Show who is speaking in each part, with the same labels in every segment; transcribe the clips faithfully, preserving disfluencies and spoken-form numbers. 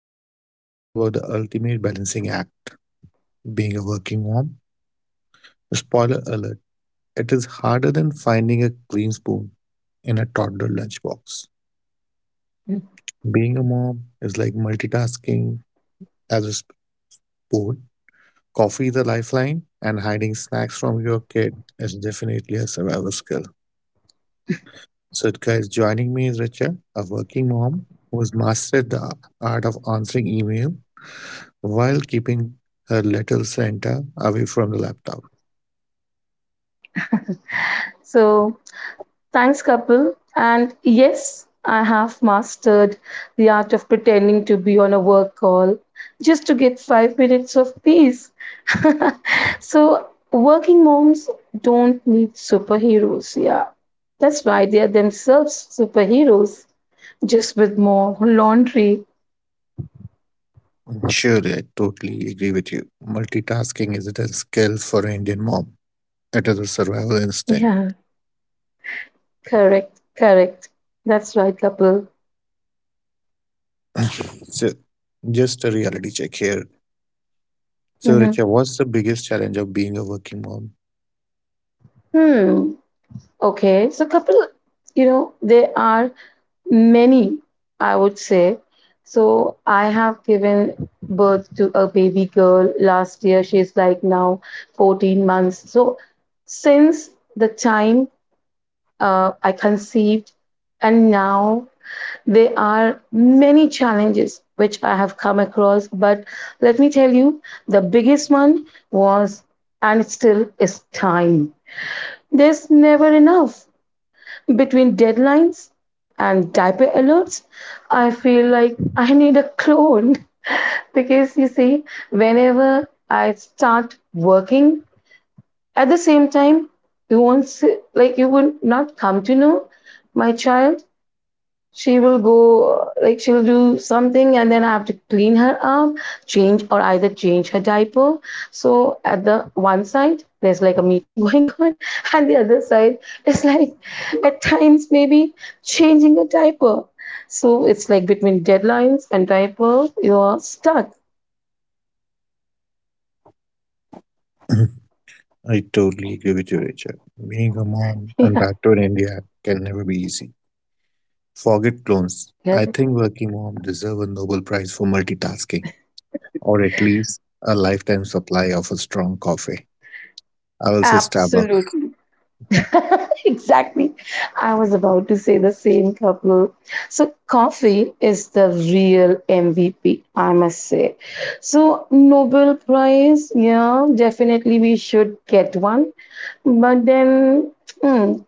Speaker 1: and today we are talking about the ultimate balancing act, being a working mom. Spoiler alert, it is harder than finding a clean spoon in a toddler lunchbox. Being a mom is like multitasking as a sport. Coffee is a lifeline, and hiding snacks from your kid is definitely a survival skill. So, guys, joining me is Richa, a working mom who has mastered the art of answering email while keeping her little Santa away from the laptop.
Speaker 2: So thanks, Kapil. And yes, I have mastered the art of pretending to be on a work call just to get five minutes of peace. So working moms don't need superheroes. Yeah, that's why they are themselves superheroes, just with more laundry.
Speaker 1: Surely, I totally agree with you. Multitasking isn't a skill for an Indian mom, it is a survival instinct.
Speaker 2: Yeah, correct, correct. That's right, Kapil.
Speaker 1: So, just a reality check here. So,
Speaker 2: Mhm.
Speaker 1: Richa, what's the biggest challenge of being a working mom?
Speaker 2: Hmm. Okay, so Kapil, you know, there are many, I would say. So I have given birth to a baby girl last year. She's like now fourteen months. So since the time uh, I conceived, and now there are many challenges which I have come across. But let me tell you, the biggest one was, and it still is, time. There's never enough. Between deadlines and diaper alerts, I feel like I need a clone. Because you see, whenever I start working, at the same time, you won't see, like, you would not come to know, my child, she will go, like, she will do something, and then I have to clean her up, change, or either change her diaper. So at the one side, there's like a meeting going on, and the other side is like, at times, maybe changing a diaper. So it's like between deadlines and diaper, you are stuck.
Speaker 1: I totally agree with you, Richa. Being a mom and back to India can never be easy. Forget clones.
Speaker 2: Yeah.
Speaker 1: I think working moms deserve a Nobel Prize for multitasking, or at least a lifetime supply of a strong coffee. I will say Starbucks.
Speaker 2: Absolutely. Exactly. I was about to say the same, couple. So, coffee is the real M V P, I must say. So, Nobel Prize, yeah, definitely we should get one. But then, hmm,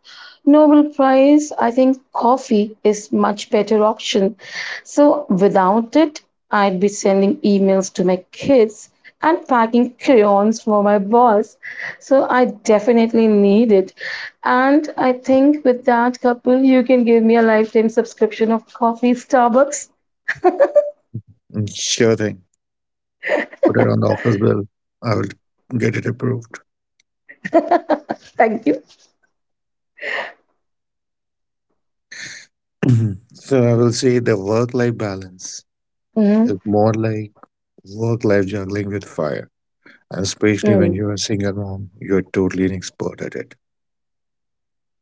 Speaker 2: Nobel Prize, I think coffee is much better option. So, without it, I'd be sending emails to my kids and packing crayons for my boss. So, I definitely need it. And I think with that, couple, you can give me a lifetime subscription of coffee Starbucks.
Speaker 1: Mm, sure thing. Put it on the office bill. I will get it approved.
Speaker 2: Thank you.
Speaker 1: So I will say the work-life balance
Speaker 2: Mhm.
Speaker 1: is more like work-life juggling with fire. And especially when
Speaker 2: Mm.
Speaker 1: you're a single mom, you're totally an expert at it.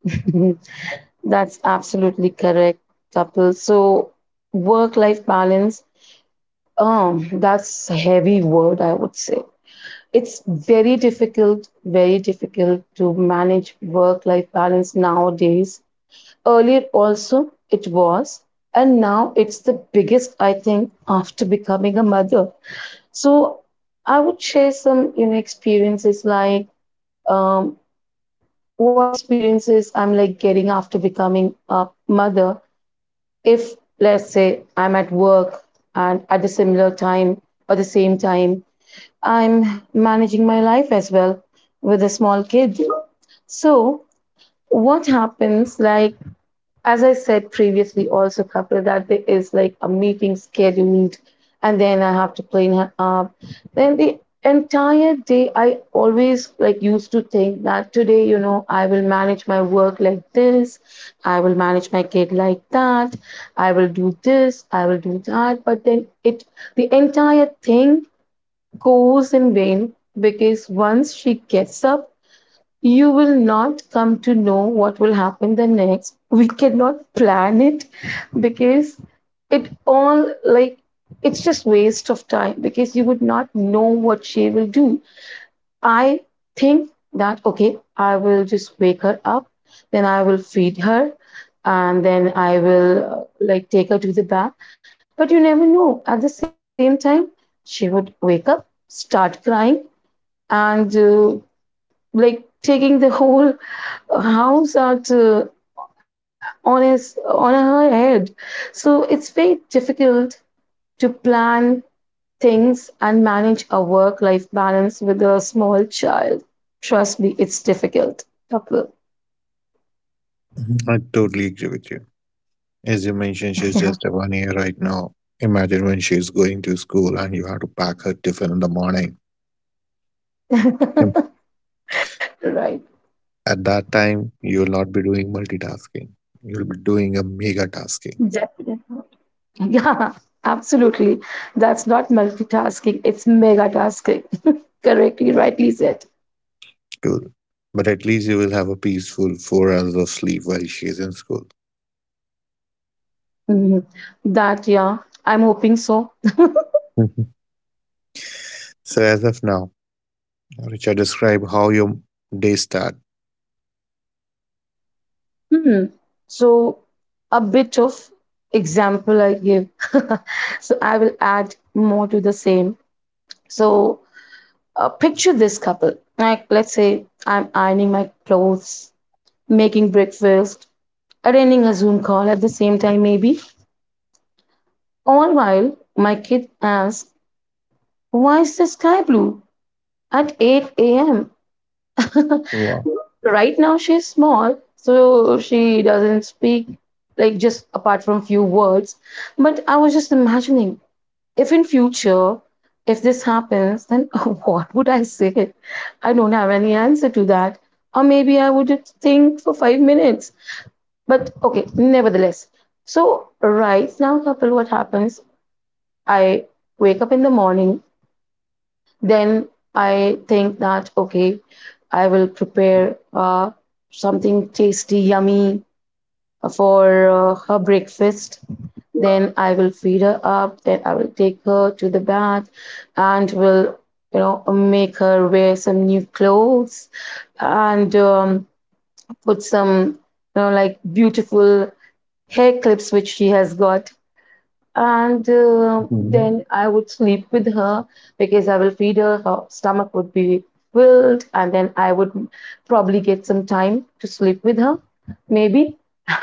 Speaker 2: That's absolutely correct, couple. So, work life balance, um, that's a heavy word, I would say. It's very difficult, very difficult to manage work life balance nowadays. Earlier, also, it was. And now it's the biggest, I think, after becoming a mother. So I would share some, you know, experiences like um, what experiences I'm like getting after becoming a mother. If, let's say, I'm at work and at the similar time or the same time, I'm managing my life as well with a small kid. So what happens, like, as I said previously, also, couple, that there is like a meeting scheduled, and then I have to clean her up. Then the entire day, I always like used to think that today, you know, I will manage my work like this, I will manage my kid like that, I will do this, I will do that. But then it, the entire thing goes in vain because once she gets up, you will not come to know what will happen the next. We cannot plan it because it all like, it's just waste of time because you would not know what she will do. I think that okay, I will just wake her up, then I will feed her, and then I will uh, like take her to the bath. But you never know. At the same time, she would wake up, start crying, and uh, like taking the whole house that uh, on his on her head. So it's very difficult to plan things and manage a work life balance with a small child. Trust me, it's difficult, couple.
Speaker 1: Mhm. I totally agree with you. As you mentioned, she's
Speaker 2: Yeah.
Speaker 1: just a one year right now. Imagine when she's going to school and you have to pack her tiffin in the morning. Yep.
Speaker 2: Right.
Speaker 1: At that time, you'll not be doing multitasking. You'll be doing a mega tasking.
Speaker 2: Definitely. Yeah, absolutely. That's not multitasking, it's mega tasking. Correctly, rightly said.
Speaker 1: Cool. But at least you will have a peaceful four hours of sleep while she is in school.
Speaker 2: Mhm. That, yeah, I'm hoping so.
Speaker 1: Mhm. So as of now, Richard, describe how your day start.
Speaker 2: Hmm. So, a bit of example I give. So, I will add more to the same. So, uh, picture this, couple. Like, let's say I'm ironing my clothes, making breakfast, attending a Zoom call at the same time, maybe. All while my kid asks, why is the sky blue at eight a m?
Speaker 1: Wow.
Speaker 2: Right now she's small so she doesn't speak, like, just apart from few words, but I was just imagining, if in future, if this happens, then what would I say? I don't have any answer to that. Or maybe I would just think for five minutes, but okay, nevertheless. So right now, couple, what happens, I wake up in the morning, then I think that okay, I will prepare uh, something tasty, yummy for uh, her breakfast. Then I will feed her up. Then I will take her to the bath, and will, you know, make her wear some new clothes, and um, put some, you know, like beautiful hair clips which she has got, and uh,
Speaker 1: Mhm.
Speaker 2: then I would sleep with her because I will feed her. Her stomach would be filled, and then I would probably get some time to sleep with her, maybe.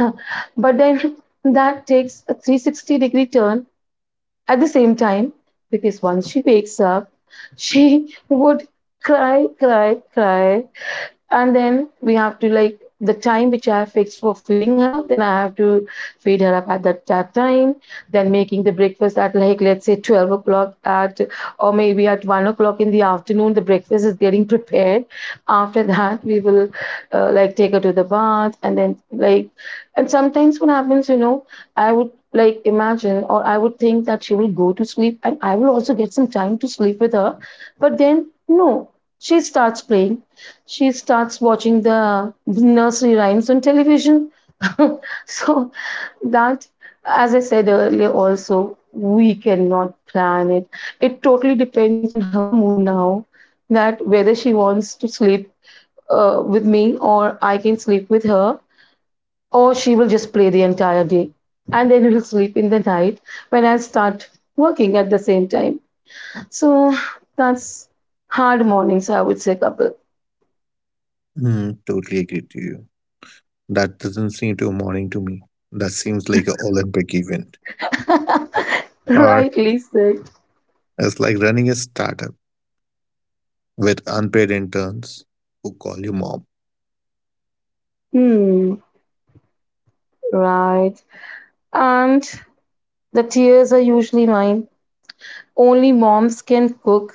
Speaker 2: But then that takes a three sixty degree turn at the same time, because once she wakes up, she would cry, cry, cry, and then we have to, like, the time which I have fixed for feeding her, then I have to feed her up at that, that time. Then making the breakfast at, like, let's say twelve o'clock at, or maybe at one o'clock in the afternoon. The breakfast is getting prepared. After that, we will uh, like take her to the bath and then like, and sometimes what happens, you know, I would like imagine or I would think that she will go to sleep and I will also get some time to sleep with her, but then no, she starts playing, she starts watching the nursery rhymes on television. So that, as I said earlier, also we cannot plan it. It totally depends on her mood now, that whether she wants to sleep uh, with me or I can sleep with her, or she will just play the entire day, and then we'll sleep in the night when I start working at the same time. So that's hard mornings, I would say, couple.
Speaker 1: Mm, totally agree to you. That doesn't seem to a morning to me. That seems like an Olympic event. Or
Speaker 2: Rightly said.
Speaker 1: it's like running a startup with unpaid interns who call you mom.
Speaker 2: Hmm, right. And the tears are usually mine. Only moms can cook,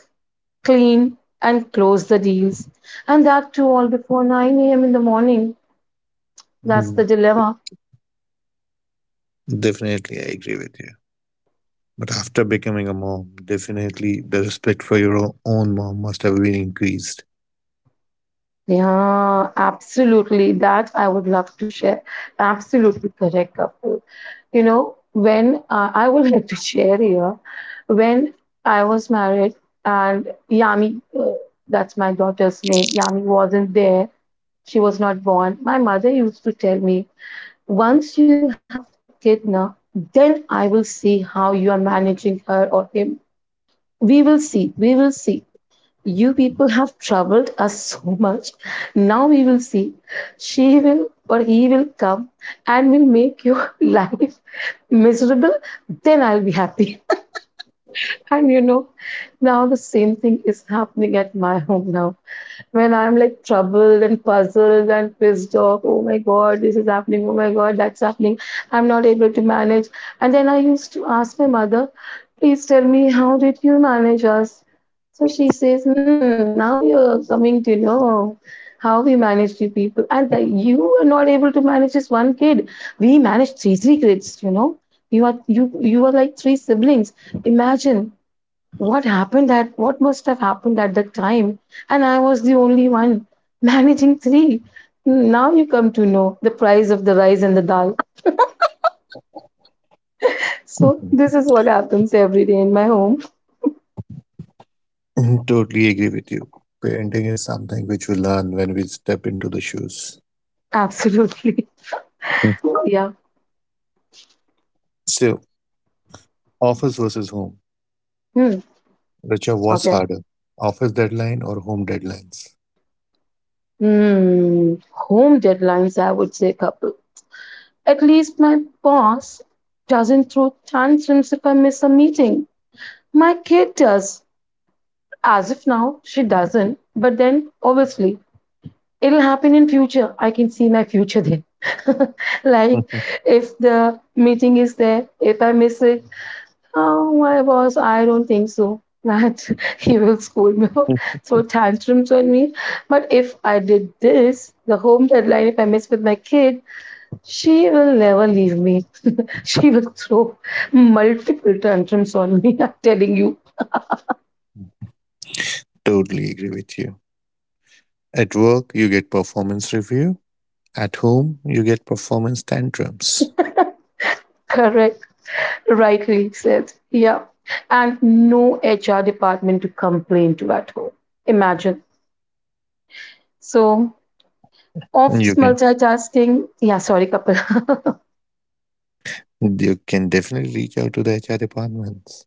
Speaker 2: clean, and close the deals. And that too all before nine a m in the morning. That's the
Speaker 1: Mm,
Speaker 2: dilemma.
Speaker 1: definitely, I agree with you. But after becoming a mom, definitely the respect for your o- own mom must have been increased.
Speaker 2: Yeah, absolutely. That I would love to share. Absolutely correct, Kapil. You know, when uh, I would like to share here, when I was married and Yami, uh, that's my daughter's name, Yami wasn't there, she was not born. My mother used to tell me, once you will have the kid now, then I will see how you are managing her or him. We will see. We will see. You people have troubled us so much. Now we will see. She will or he will come and will make your life miserable. Then I'll be happy. And you know, now the same thing is happening at my home now, when I'm like troubled and puzzled and pissed off, oh my god, this is happening, oh my god, that's happening, I'm not able to manage. And then I used to ask my mother, please tell me, how did you manage us? So she says, hmm, now you're coming to know how we manage you people. And that you are not able to manage just one kid. We managed three, three kids, you know. You are you you are like three siblings. Imagine what happened at what must have happened at that time. And I was the only one managing three. Now you come to know the price of the rice and the dal. So this is what happens every day in my home.
Speaker 1: Mhm, totally agree with you. Parenting is something which we learn when we step into the shoes.
Speaker 2: Absolutely.
Speaker 1: Mm.
Speaker 2: Yeah.
Speaker 1: So, office versus home.
Speaker 2: Hmm.
Speaker 1: Richa, what's
Speaker 2: Okay.
Speaker 1: harder? Office deadline or home deadlines?
Speaker 2: Hmm. Home deadlines, I would say, couple. At least my boss doesn't throw tantrums if I miss a meeting. My kid does. As if, now she doesn't, but then obviously it'll happen in future, I can see my future there. Like, if the meeting is there, if I miss it, oh, my boss, I don't think so that he will scold me or throw tantrums on me. But if I did this, the home deadline, if I miss with my kid, she will never leave me. She will throw multiple tantrums on me. I'm telling you.
Speaker 1: Totally agree with you. At work, you get performance review. At home, you get performance tantrums.
Speaker 2: Correct. Rightly said. Yeah. And no H R department to complain to at home. Imagine. So, office
Speaker 1: You can.
Speaker 2: multitasking. Yeah, sorry, couple.
Speaker 1: You can definitely reach out to the H R departments.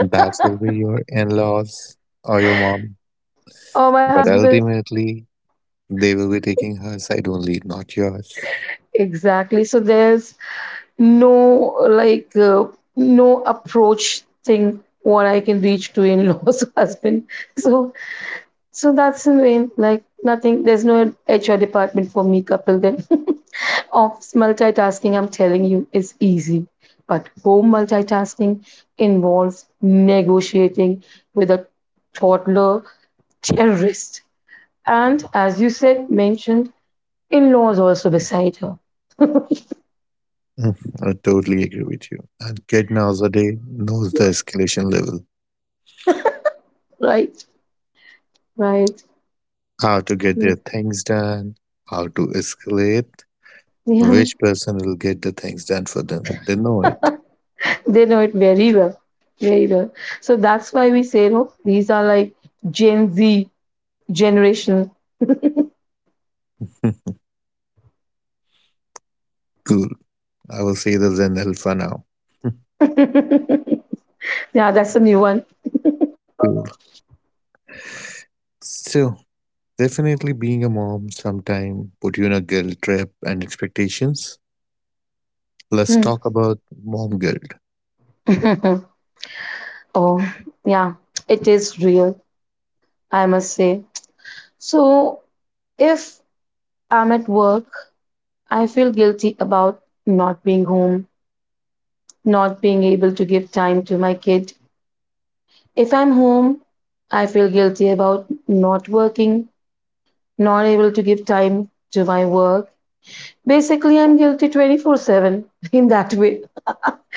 Speaker 1: That will be your in laws or your mom.
Speaker 2: Or my
Speaker 1: But
Speaker 2: husband.
Speaker 1: ultimately, they will be taking her side only, not yours.
Speaker 2: Exactly. So, there's no like, uh, no approach thing what I can reach to in law's husband. So, so that's in vain. Like, nothing. There's no H R department for me, couple, then. Off multitasking, I'm telling you, is easy. But home multitasking involves negotiating with a toddler terrorist. And as you said, mentioned, in laws also beside her.
Speaker 1: Mm, I totally agree with you. And kid nowadays knows the escalation level,
Speaker 2: Right, right.
Speaker 1: how to get their things done, how to escalate,
Speaker 2: Yeah,
Speaker 1: which person will get the things done for them. They know it.
Speaker 2: they know it very well. Very well. So that's why we say, no, these are like Gen Z generation.
Speaker 1: Cool. I will say the Zen Alpha now.
Speaker 2: Yeah, that's a new one.
Speaker 1: Cool. So, definitely being a mom sometime put you in a guilt trip and expectations. Let's
Speaker 2: Hmm.
Speaker 1: talk about mom guilt.
Speaker 2: Oh, yeah, it is real, I must say. So, if I'm at work, I feel guilty about not being home, not being able to give time to my kid. If I'm home, I feel guilty about not working, not able to give time to my work. Basically, I'm guilty twenty-four seven in that way,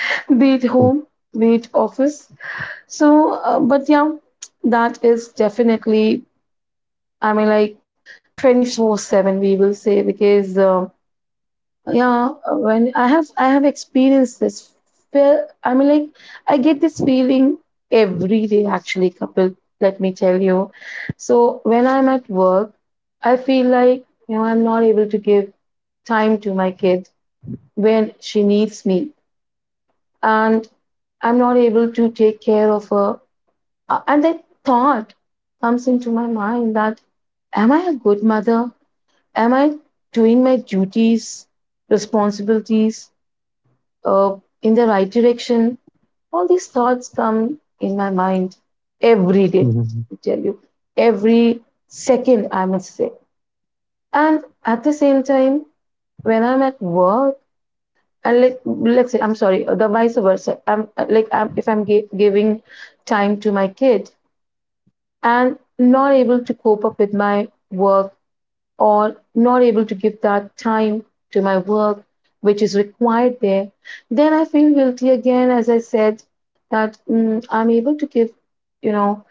Speaker 2: be it home, be it office. So, uh, but yeah, that is definitely, I mean, like twenty-four seven, we will say, because. Um, yeah uh, when i have i have experienced this feel I mean like i get this feeling every day actually, couple, let me tell you. So when I'm at work, I feel like, you know I'm not able to give time to my kid when she needs me, and I'm not able to take care of her. Uh, and that thought comes into my mind, that am I a good mother? Am I doing my duties, responsibilities, uh, in the right direction? All these thoughts come in my mind every day,
Speaker 1: Mhm.
Speaker 2: I tell you, every second, I must say. And at the same time, when I'm at work, and, like, let's say, I'm sorry, uh, the vice versa, I'm uh, like, I'm, if I'm gi- giving time to my kid and not able to cope up with my work, or not able to give that time to my work which is required there, then I feel guilty again. As I said, that mm, I'm able to give, you know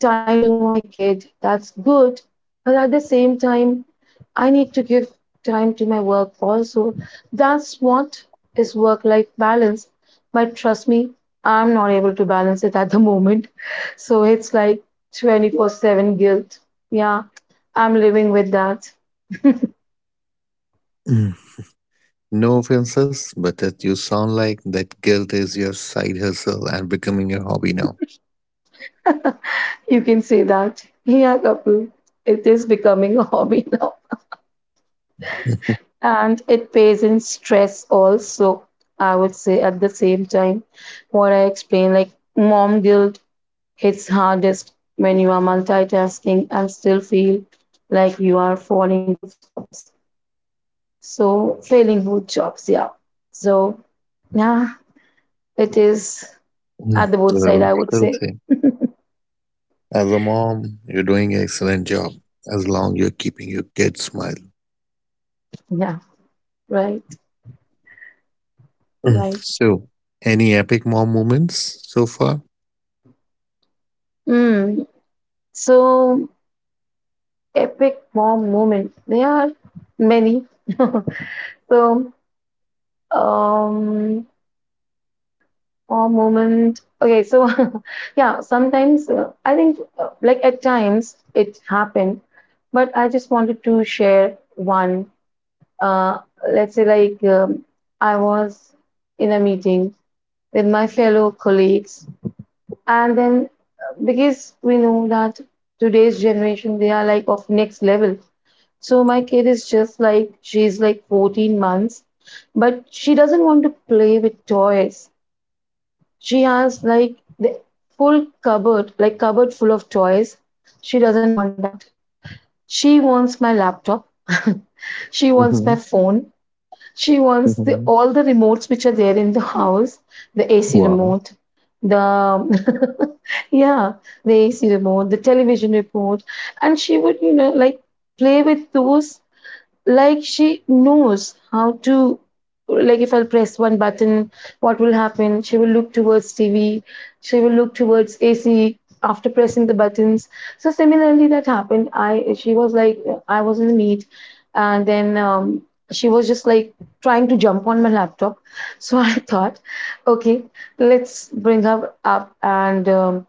Speaker 2: time to my kid, that's good, but at the same time I need to give time to my work also. That's what is work life balance. But trust me, I'm not able to balance it at the moment, so it's like twenty-four seven guilt, yeah, I'm living with that.
Speaker 1: Mm. No offenses, but that you sound like that guilt is your side hustle and becoming your hobby now.
Speaker 2: You can say that. Yeah, couple. It is becoming a hobby now. And it pays in stress also, I would say at the same time. What I explained, like, mom guilt hits hardest when you are multitasking and still feel like you are falling both jobs. So failing both jobs, yeah. So yeah, it is
Speaker 1: Mm.
Speaker 2: at the both side,
Speaker 1: Well,
Speaker 2: I would
Speaker 1: still
Speaker 2: say.
Speaker 1: same. As a mom, you're doing an excellent job as long you're keeping your kid smile.
Speaker 2: Yeah, right,
Speaker 1: Mm.
Speaker 2: right.
Speaker 1: So, any epic mom moments so far?
Speaker 2: Mm. So epic mom moments. There are many. So, um, mom moment. Okay, so yeah, sometimes uh, I think, uh, like at times it happened, but I just wanted to share one. Uh, let's say, like um, I was in a meeting with my fellow colleagues, and then uh, because we know that today's generation, they are like of next level. So my kid is just like, she's like fourteen months, but she doesn't want to play with toys. She has like the full cupboard, like cupboard full of toys. She doesn't want that. She wants my laptop. She wants
Speaker 1: Mm-hmm.
Speaker 2: my phone. She wants the, all the remotes which are there in the house, the A C
Speaker 1: Wow.
Speaker 2: remote, the, yeah, the A C remote, the television remote, and she would, you know like, play with those. Like, she knows how to, like, if I'll press one button, what will happen. She will look towards TV, she will look towards AC after pressing the buttons. So similarly, that happened. I She was like, I was in the meet, and then um, she was just like trying to jump on my laptop. So I thought, okay, let's bring her up and um,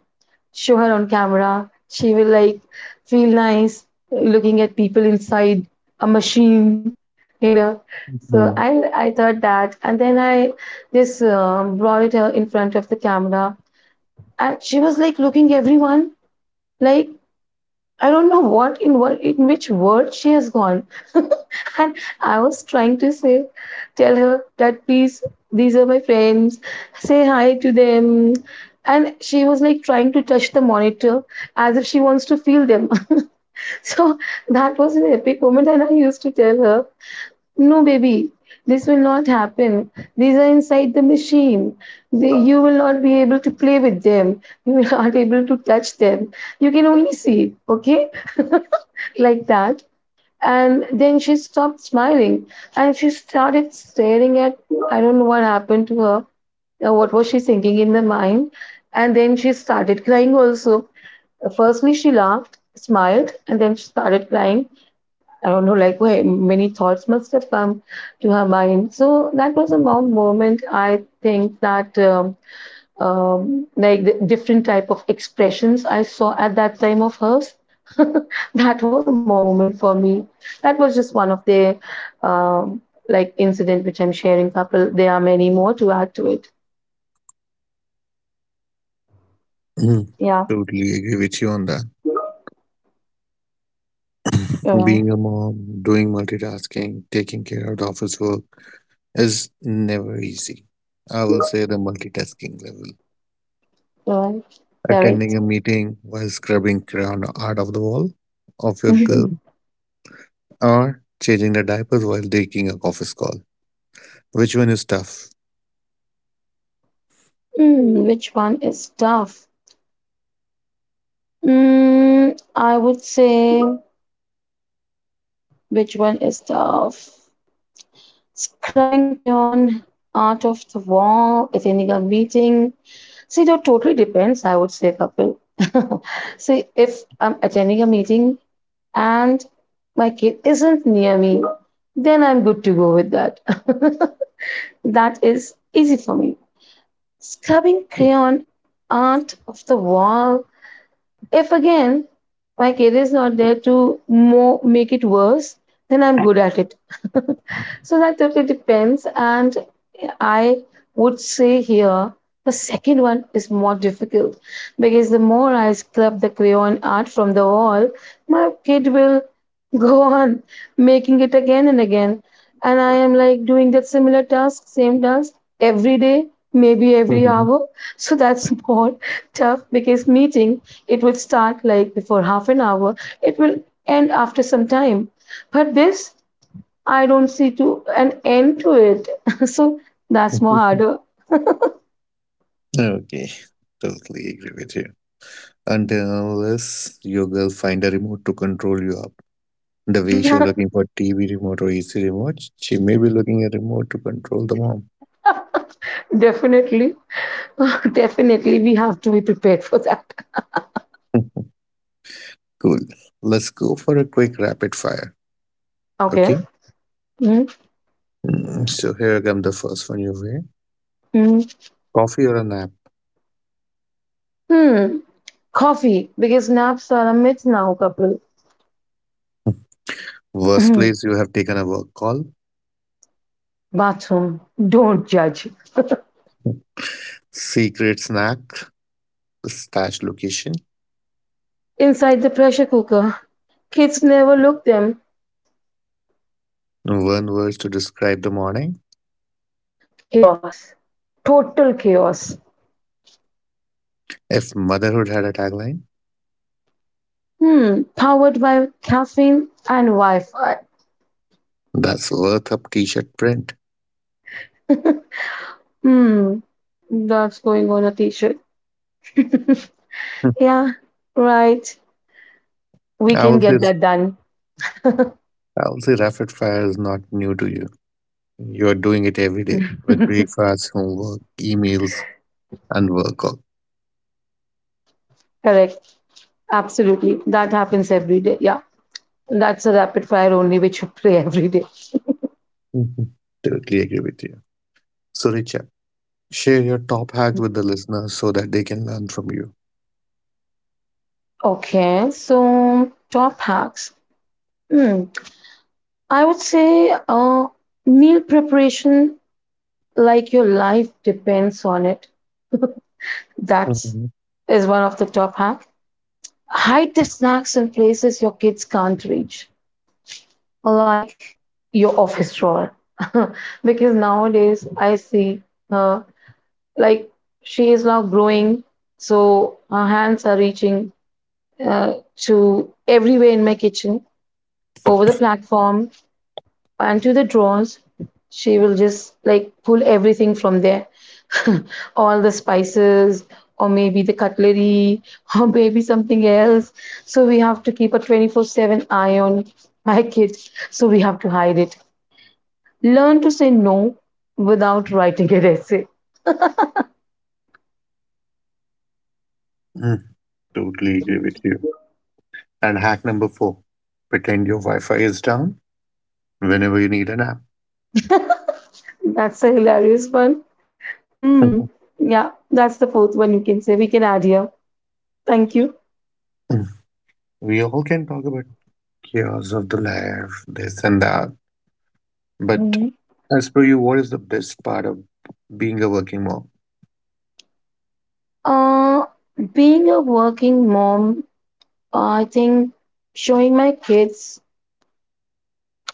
Speaker 2: show her on camera. She will like feel nice looking at people inside a machine, you know. So I I thought that, and then I just um, brought it uh, in front of the camera, and she was like looking everyone like, I don't know what in what in which world she has gone. And I was trying to say, tell her that, please, these are my friends, say hi to them. And she was like trying to touch the monitor as if she wants to feel them. so that was an epic moment. And I used to tell her, no, baby, this will not happen. These are inside the machine. They, you will not be able to play with them. You will not be able to touch them. You can only see, okay? like that. And then she stopped smiling and she started staring at, I don't know what happened to her. uh, What was she thinking in the mind? And then she started crying also. Uh, Firstly, she laughed, smiled, and then she started crying. I don't know, like, where many thoughts must have come to her mind. So that was a mom moment. I think that um, um, like the different type of expressions I saw at that time of hers. that was a more moment for me. That was just one of the um, like incident which I'm sharing. Couple, there are many more to add to it.
Speaker 1: Hmm.
Speaker 2: Yeah,
Speaker 1: Totally agree with you on that.
Speaker 2: right,
Speaker 1: Being a mom, doing multitasking, taking care of the office work is never easy. I will say the multitasking level.
Speaker 2: right, correct.
Speaker 1: Attending a meeting while scrubbing crayon out of the wall of your
Speaker 2: Mhm.
Speaker 1: girl, or changing the diapers while taking a office call. Which one is tough?
Speaker 2: Mm, which one is tough? Mm, I would say, which one is tough? Scrubbing crayon out of the wall, attending a meeting. See, it totally depends, I would say, couple. See, if I'm attending a meeting and my kid isn't near me, then I'm good to go with that. that is easy for me. Scrubbing crayon out of the wall, if again my kid is not there to more make it worse, then I'm good at it. so that totally depends. And I would say here the second one is more difficult, because the more I scrub the crayon art from the wall, my kid will go on making it again and again, and I am like doing that similar task, same task, every day, maybe every
Speaker 1: Mhm.
Speaker 2: hour. So that's more tough, because meeting, it will start like before half an hour. It will end after some time. But this, I don't see to an end to it. so that's more harder.
Speaker 1: Okay, totally agree with you. Until and unless your girl find a remote to control you. The way
Speaker 2: Yeah,
Speaker 1: she's looking for T V remote or A C remote, she may be looking at a remote to control the mom.
Speaker 2: definitely. definitely, we have to be prepared for that.
Speaker 1: Cool. Let's go for a quick rapid fire.
Speaker 2: Okay.
Speaker 1: Okay.
Speaker 2: hmm
Speaker 1: Mm, so here come the first one you way.
Speaker 2: hmm
Speaker 1: Coffee or a nap?
Speaker 2: Hmm. Coffee, because naps are a myth now, couple.
Speaker 1: Worst place you have taken a work call.
Speaker 2: Bathroom, don't judge.
Speaker 1: Secret snack. Stash location.
Speaker 2: Inside the pressure cooker, kids never look them.
Speaker 1: One word to describe the morning.
Speaker 2: Chaos. Total chaos.
Speaker 1: If motherhood had a tagline,
Speaker 2: Hmm, powered by caffeine and Wi-Fi.
Speaker 1: that's worth a t-shirt print.
Speaker 2: Hmm, that's going on a t-shirt.
Speaker 1: Hmm.
Speaker 2: Yeah, right. We
Speaker 1: I
Speaker 2: can
Speaker 1: will say
Speaker 2: get that done.
Speaker 1: I will say rapid fire is not new to you. You're doing it every day with breakfast, homework, emails, and work. All.
Speaker 2: Correct. Absolutely. That happens every day. Yeah. That's a rapid fire only, which we play every day.
Speaker 1: Mhm. Totally agree with you. So, Richa, share your top hack with the listeners so that they can learn from you.
Speaker 2: Okay, so top hacks. Hmm. I would say uh, meal preparation, like your life depends on it. That
Speaker 1: Mhm.
Speaker 2: is one of the top hack. Hide the snacks in places your kids can't reach, like your office drawer, because nowadays I see her, like, she is now growing, so her hands are reaching uh, to everywhere in my kitchen, over the platform and to the drawers. She will just like pull everything from there, all the spices, or maybe the cutlery, or maybe something else. So we have to keep a twenty-four seven eye on my kids, so we have to hide it. Learn to say no without writing an essay.
Speaker 1: Mm, totally agree with you. And hack number four, pretend your Wi Fi is down whenever you need an app.
Speaker 2: That's a hilarious one. Mm.
Speaker 1: Mhm.
Speaker 2: Yeah, that's the fourth one, you can say. We can add here. Thank you.
Speaker 1: Mm. We all can talk about chaos of the life, this and that. But
Speaker 2: Mhm.
Speaker 1: as per you, what is the best part of being a working mom?
Speaker 2: Uh, Being a working mom, I think showing my kids,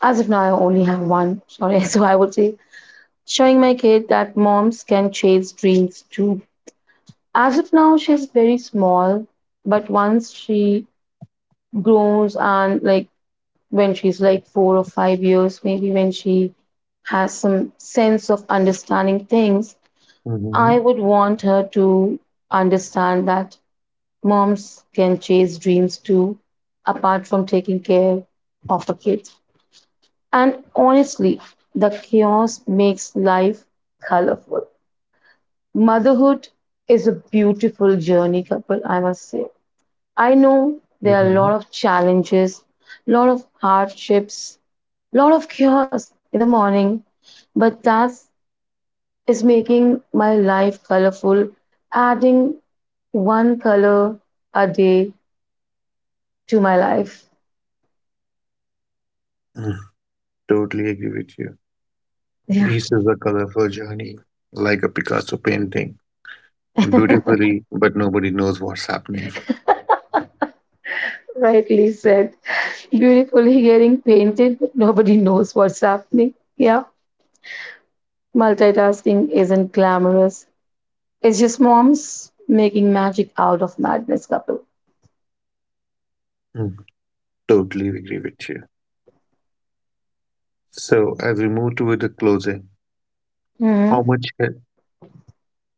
Speaker 2: as if now I only have one, sorry, so I would say showing my kid that moms can chase dreams too. As of now, she's very small, but once she grows and like when she's like four or five years, maybe when she has some sense of understanding things, I
Speaker 1: Hmm.
Speaker 2: would want her to understand that moms can chase dreams too, apart from taking care of a kid. And honestly, the chaos makes life colorful. Motherhood is a beautiful journey, couple, I must say. I know there are a lot
Speaker 1: Hmm.
Speaker 2: of challenges, a lot of hardships, lot of chaos in the morning, but that is making my life colorful, adding one color a day to my life.
Speaker 1: Totally agree with you.
Speaker 2: Yeah,
Speaker 1: This is a colorful journey, like a Picasso painting. Beautifully, but nobody knows what's happening.
Speaker 2: rightly said. Beautifully getting painted, but nobody knows what's happening. Yeah, multitasking isn't glamorous. It's just moms making magic out of madness, couple.
Speaker 1: Mm, totally agree with you. So, as we move toward the closing, how
Speaker 2: hmm
Speaker 1: much he-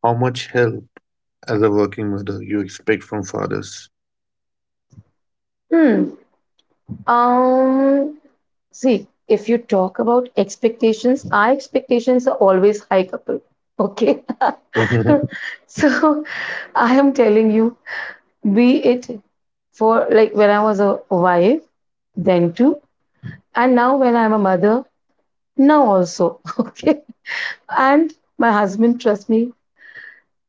Speaker 1: how much help as a working mother you expect from fathers?
Speaker 2: Hmm. Um, See, if you talk about expectations, our expectations are always high, couple. Okay.
Speaker 1: Mhm,
Speaker 2: so I am telling you, be it for, like, when I was a wife, then too, and now when I'm a mother, now also. Okay. And my husband, trust me,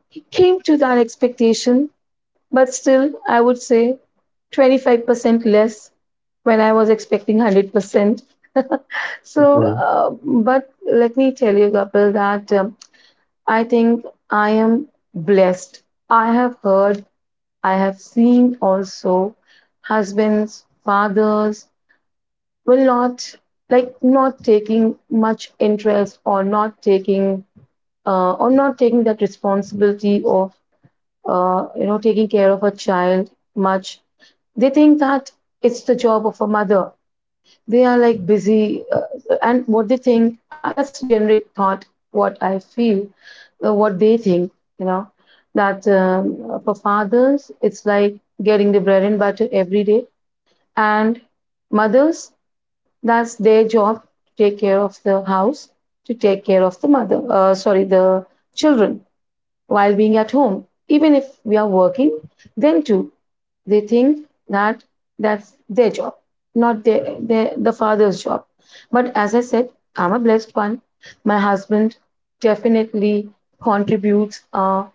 Speaker 2: he came to that expectation, but still, I would say twenty-five percent less when I was expecting one hundred percent. So,
Speaker 1: mhm,
Speaker 2: uh, but let me tell you, Kapil, that um, I think I am blessed. I have heard, I have seen also, husbands, fathers will not, like, not taking much interest or not taking uh, or not taking that responsibility of uh, you know, taking care of a child much. They think that it's the job of a mother. They are like busy, uh, and what they think, uh, that's generic thought, what I feel, uh, what they think, you know, that um, for fathers it's like getting the bread and butter every day, and mothers, that's their job, to take care of the house, to take care of the mother, uh, sorry, the children, while being at home. Even if we are working, then too, they think that that's their job, not their, their the father's job. But as I said, I'm a blessed one. My husband definitely contributes a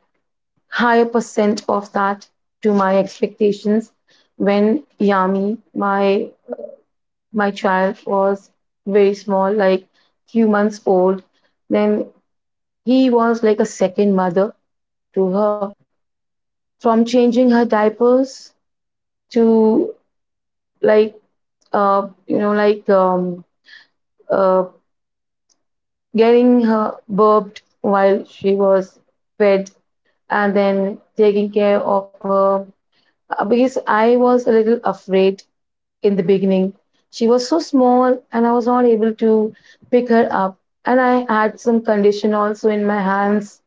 Speaker 2: higher percent of that to my expectations. When Yami, my my child, was very small, like few months old, then he was like a second mother to her. From changing her diapers to, like, uh, you know, like um, uh, getting her burped while she was fed, and then taking care of her. Uh, Because I was a little afraid in the beginning. She was so small and I was not able to pick her up. And I had some condition also in my hands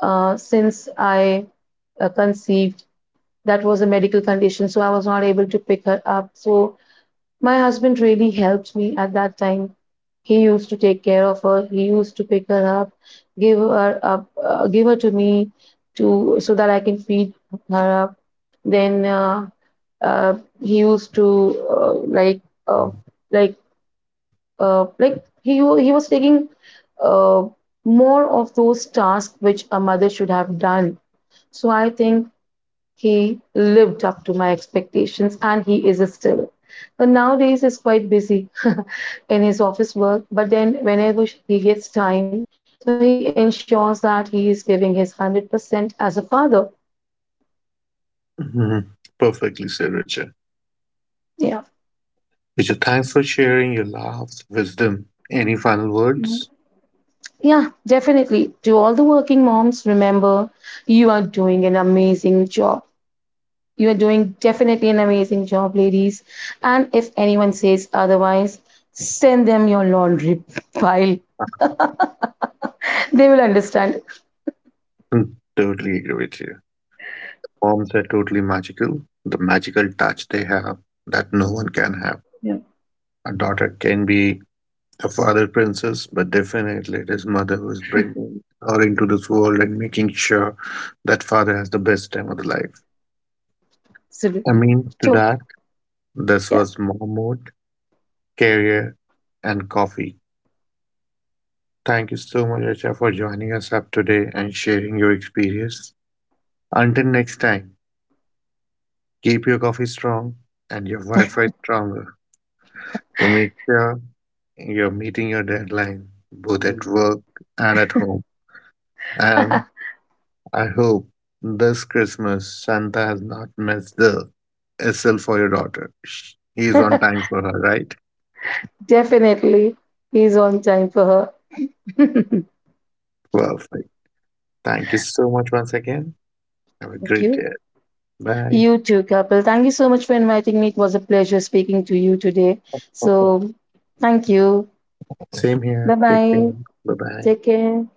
Speaker 2: uh, since I uh, conceived. That was a medical condition, so I was not able to pick her up. So my husband really helped me at that time. He used to take care of her. He used to pick her up, give her up, uh, give her to me, to, so that I can feed her up. Then uh, uh, he used to uh, like uh, like uh, like he wa- he was taking uh, more of those tasks which a mother should have done. So I think he lived up to my expectations, and he is still. But nowadays he's quite busy in his office work, but then whenever he gets time, so he ensures that he is giving his one hundred percent as a father.
Speaker 1: mhm. Perfectly said, Richard.
Speaker 2: Yeah.
Speaker 1: Richard, thanks for sharing your laughs, wisdom. Any final words?
Speaker 2: Yeah, definitely. To all the working moms, remember, you are doing an amazing job. You are doing definitely an amazing job, ladies. And if anyone says otherwise, send them your laundry pile. They will understand.
Speaker 1: Mm, totally agree with you. Moms are totally magical. The magical touch they have that no one can have. A daughter can be a father princess, but definitely it is mother who is bringing her into this world and making sure that father has the best time of the life. I
Speaker 2: Absolutely.
Speaker 1: mean, to
Speaker 2: Sure.
Speaker 1: that, this
Speaker 2: Yeah.
Speaker 1: was Mahmoud, career, and coffee. Thank you so much, Acha, for joining us up today and sharing your experience. Until next time, keep your coffee strong and your Wi Fi stronger to make sure you're meeting your deadline both at work and at home. And I hope this Christmas Santa has not missed the S L for your daughter. Sh- He is on time for her, right?
Speaker 2: Definitely. He's on time for her.
Speaker 1: Perfect. Thank you so much once again. Have a
Speaker 2: Thank
Speaker 1: great
Speaker 2: you.
Speaker 1: day. Bye.
Speaker 2: You too, Kapil. Thank you so much for inviting me. It was a pleasure speaking to you today. So, thank you.
Speaker 1: Same here.
Speaker 2: Bye
Speaker 1: Take care.
Speaker 2: bye.
Speaker 1: Bye bye.
Speaker 2: Take care.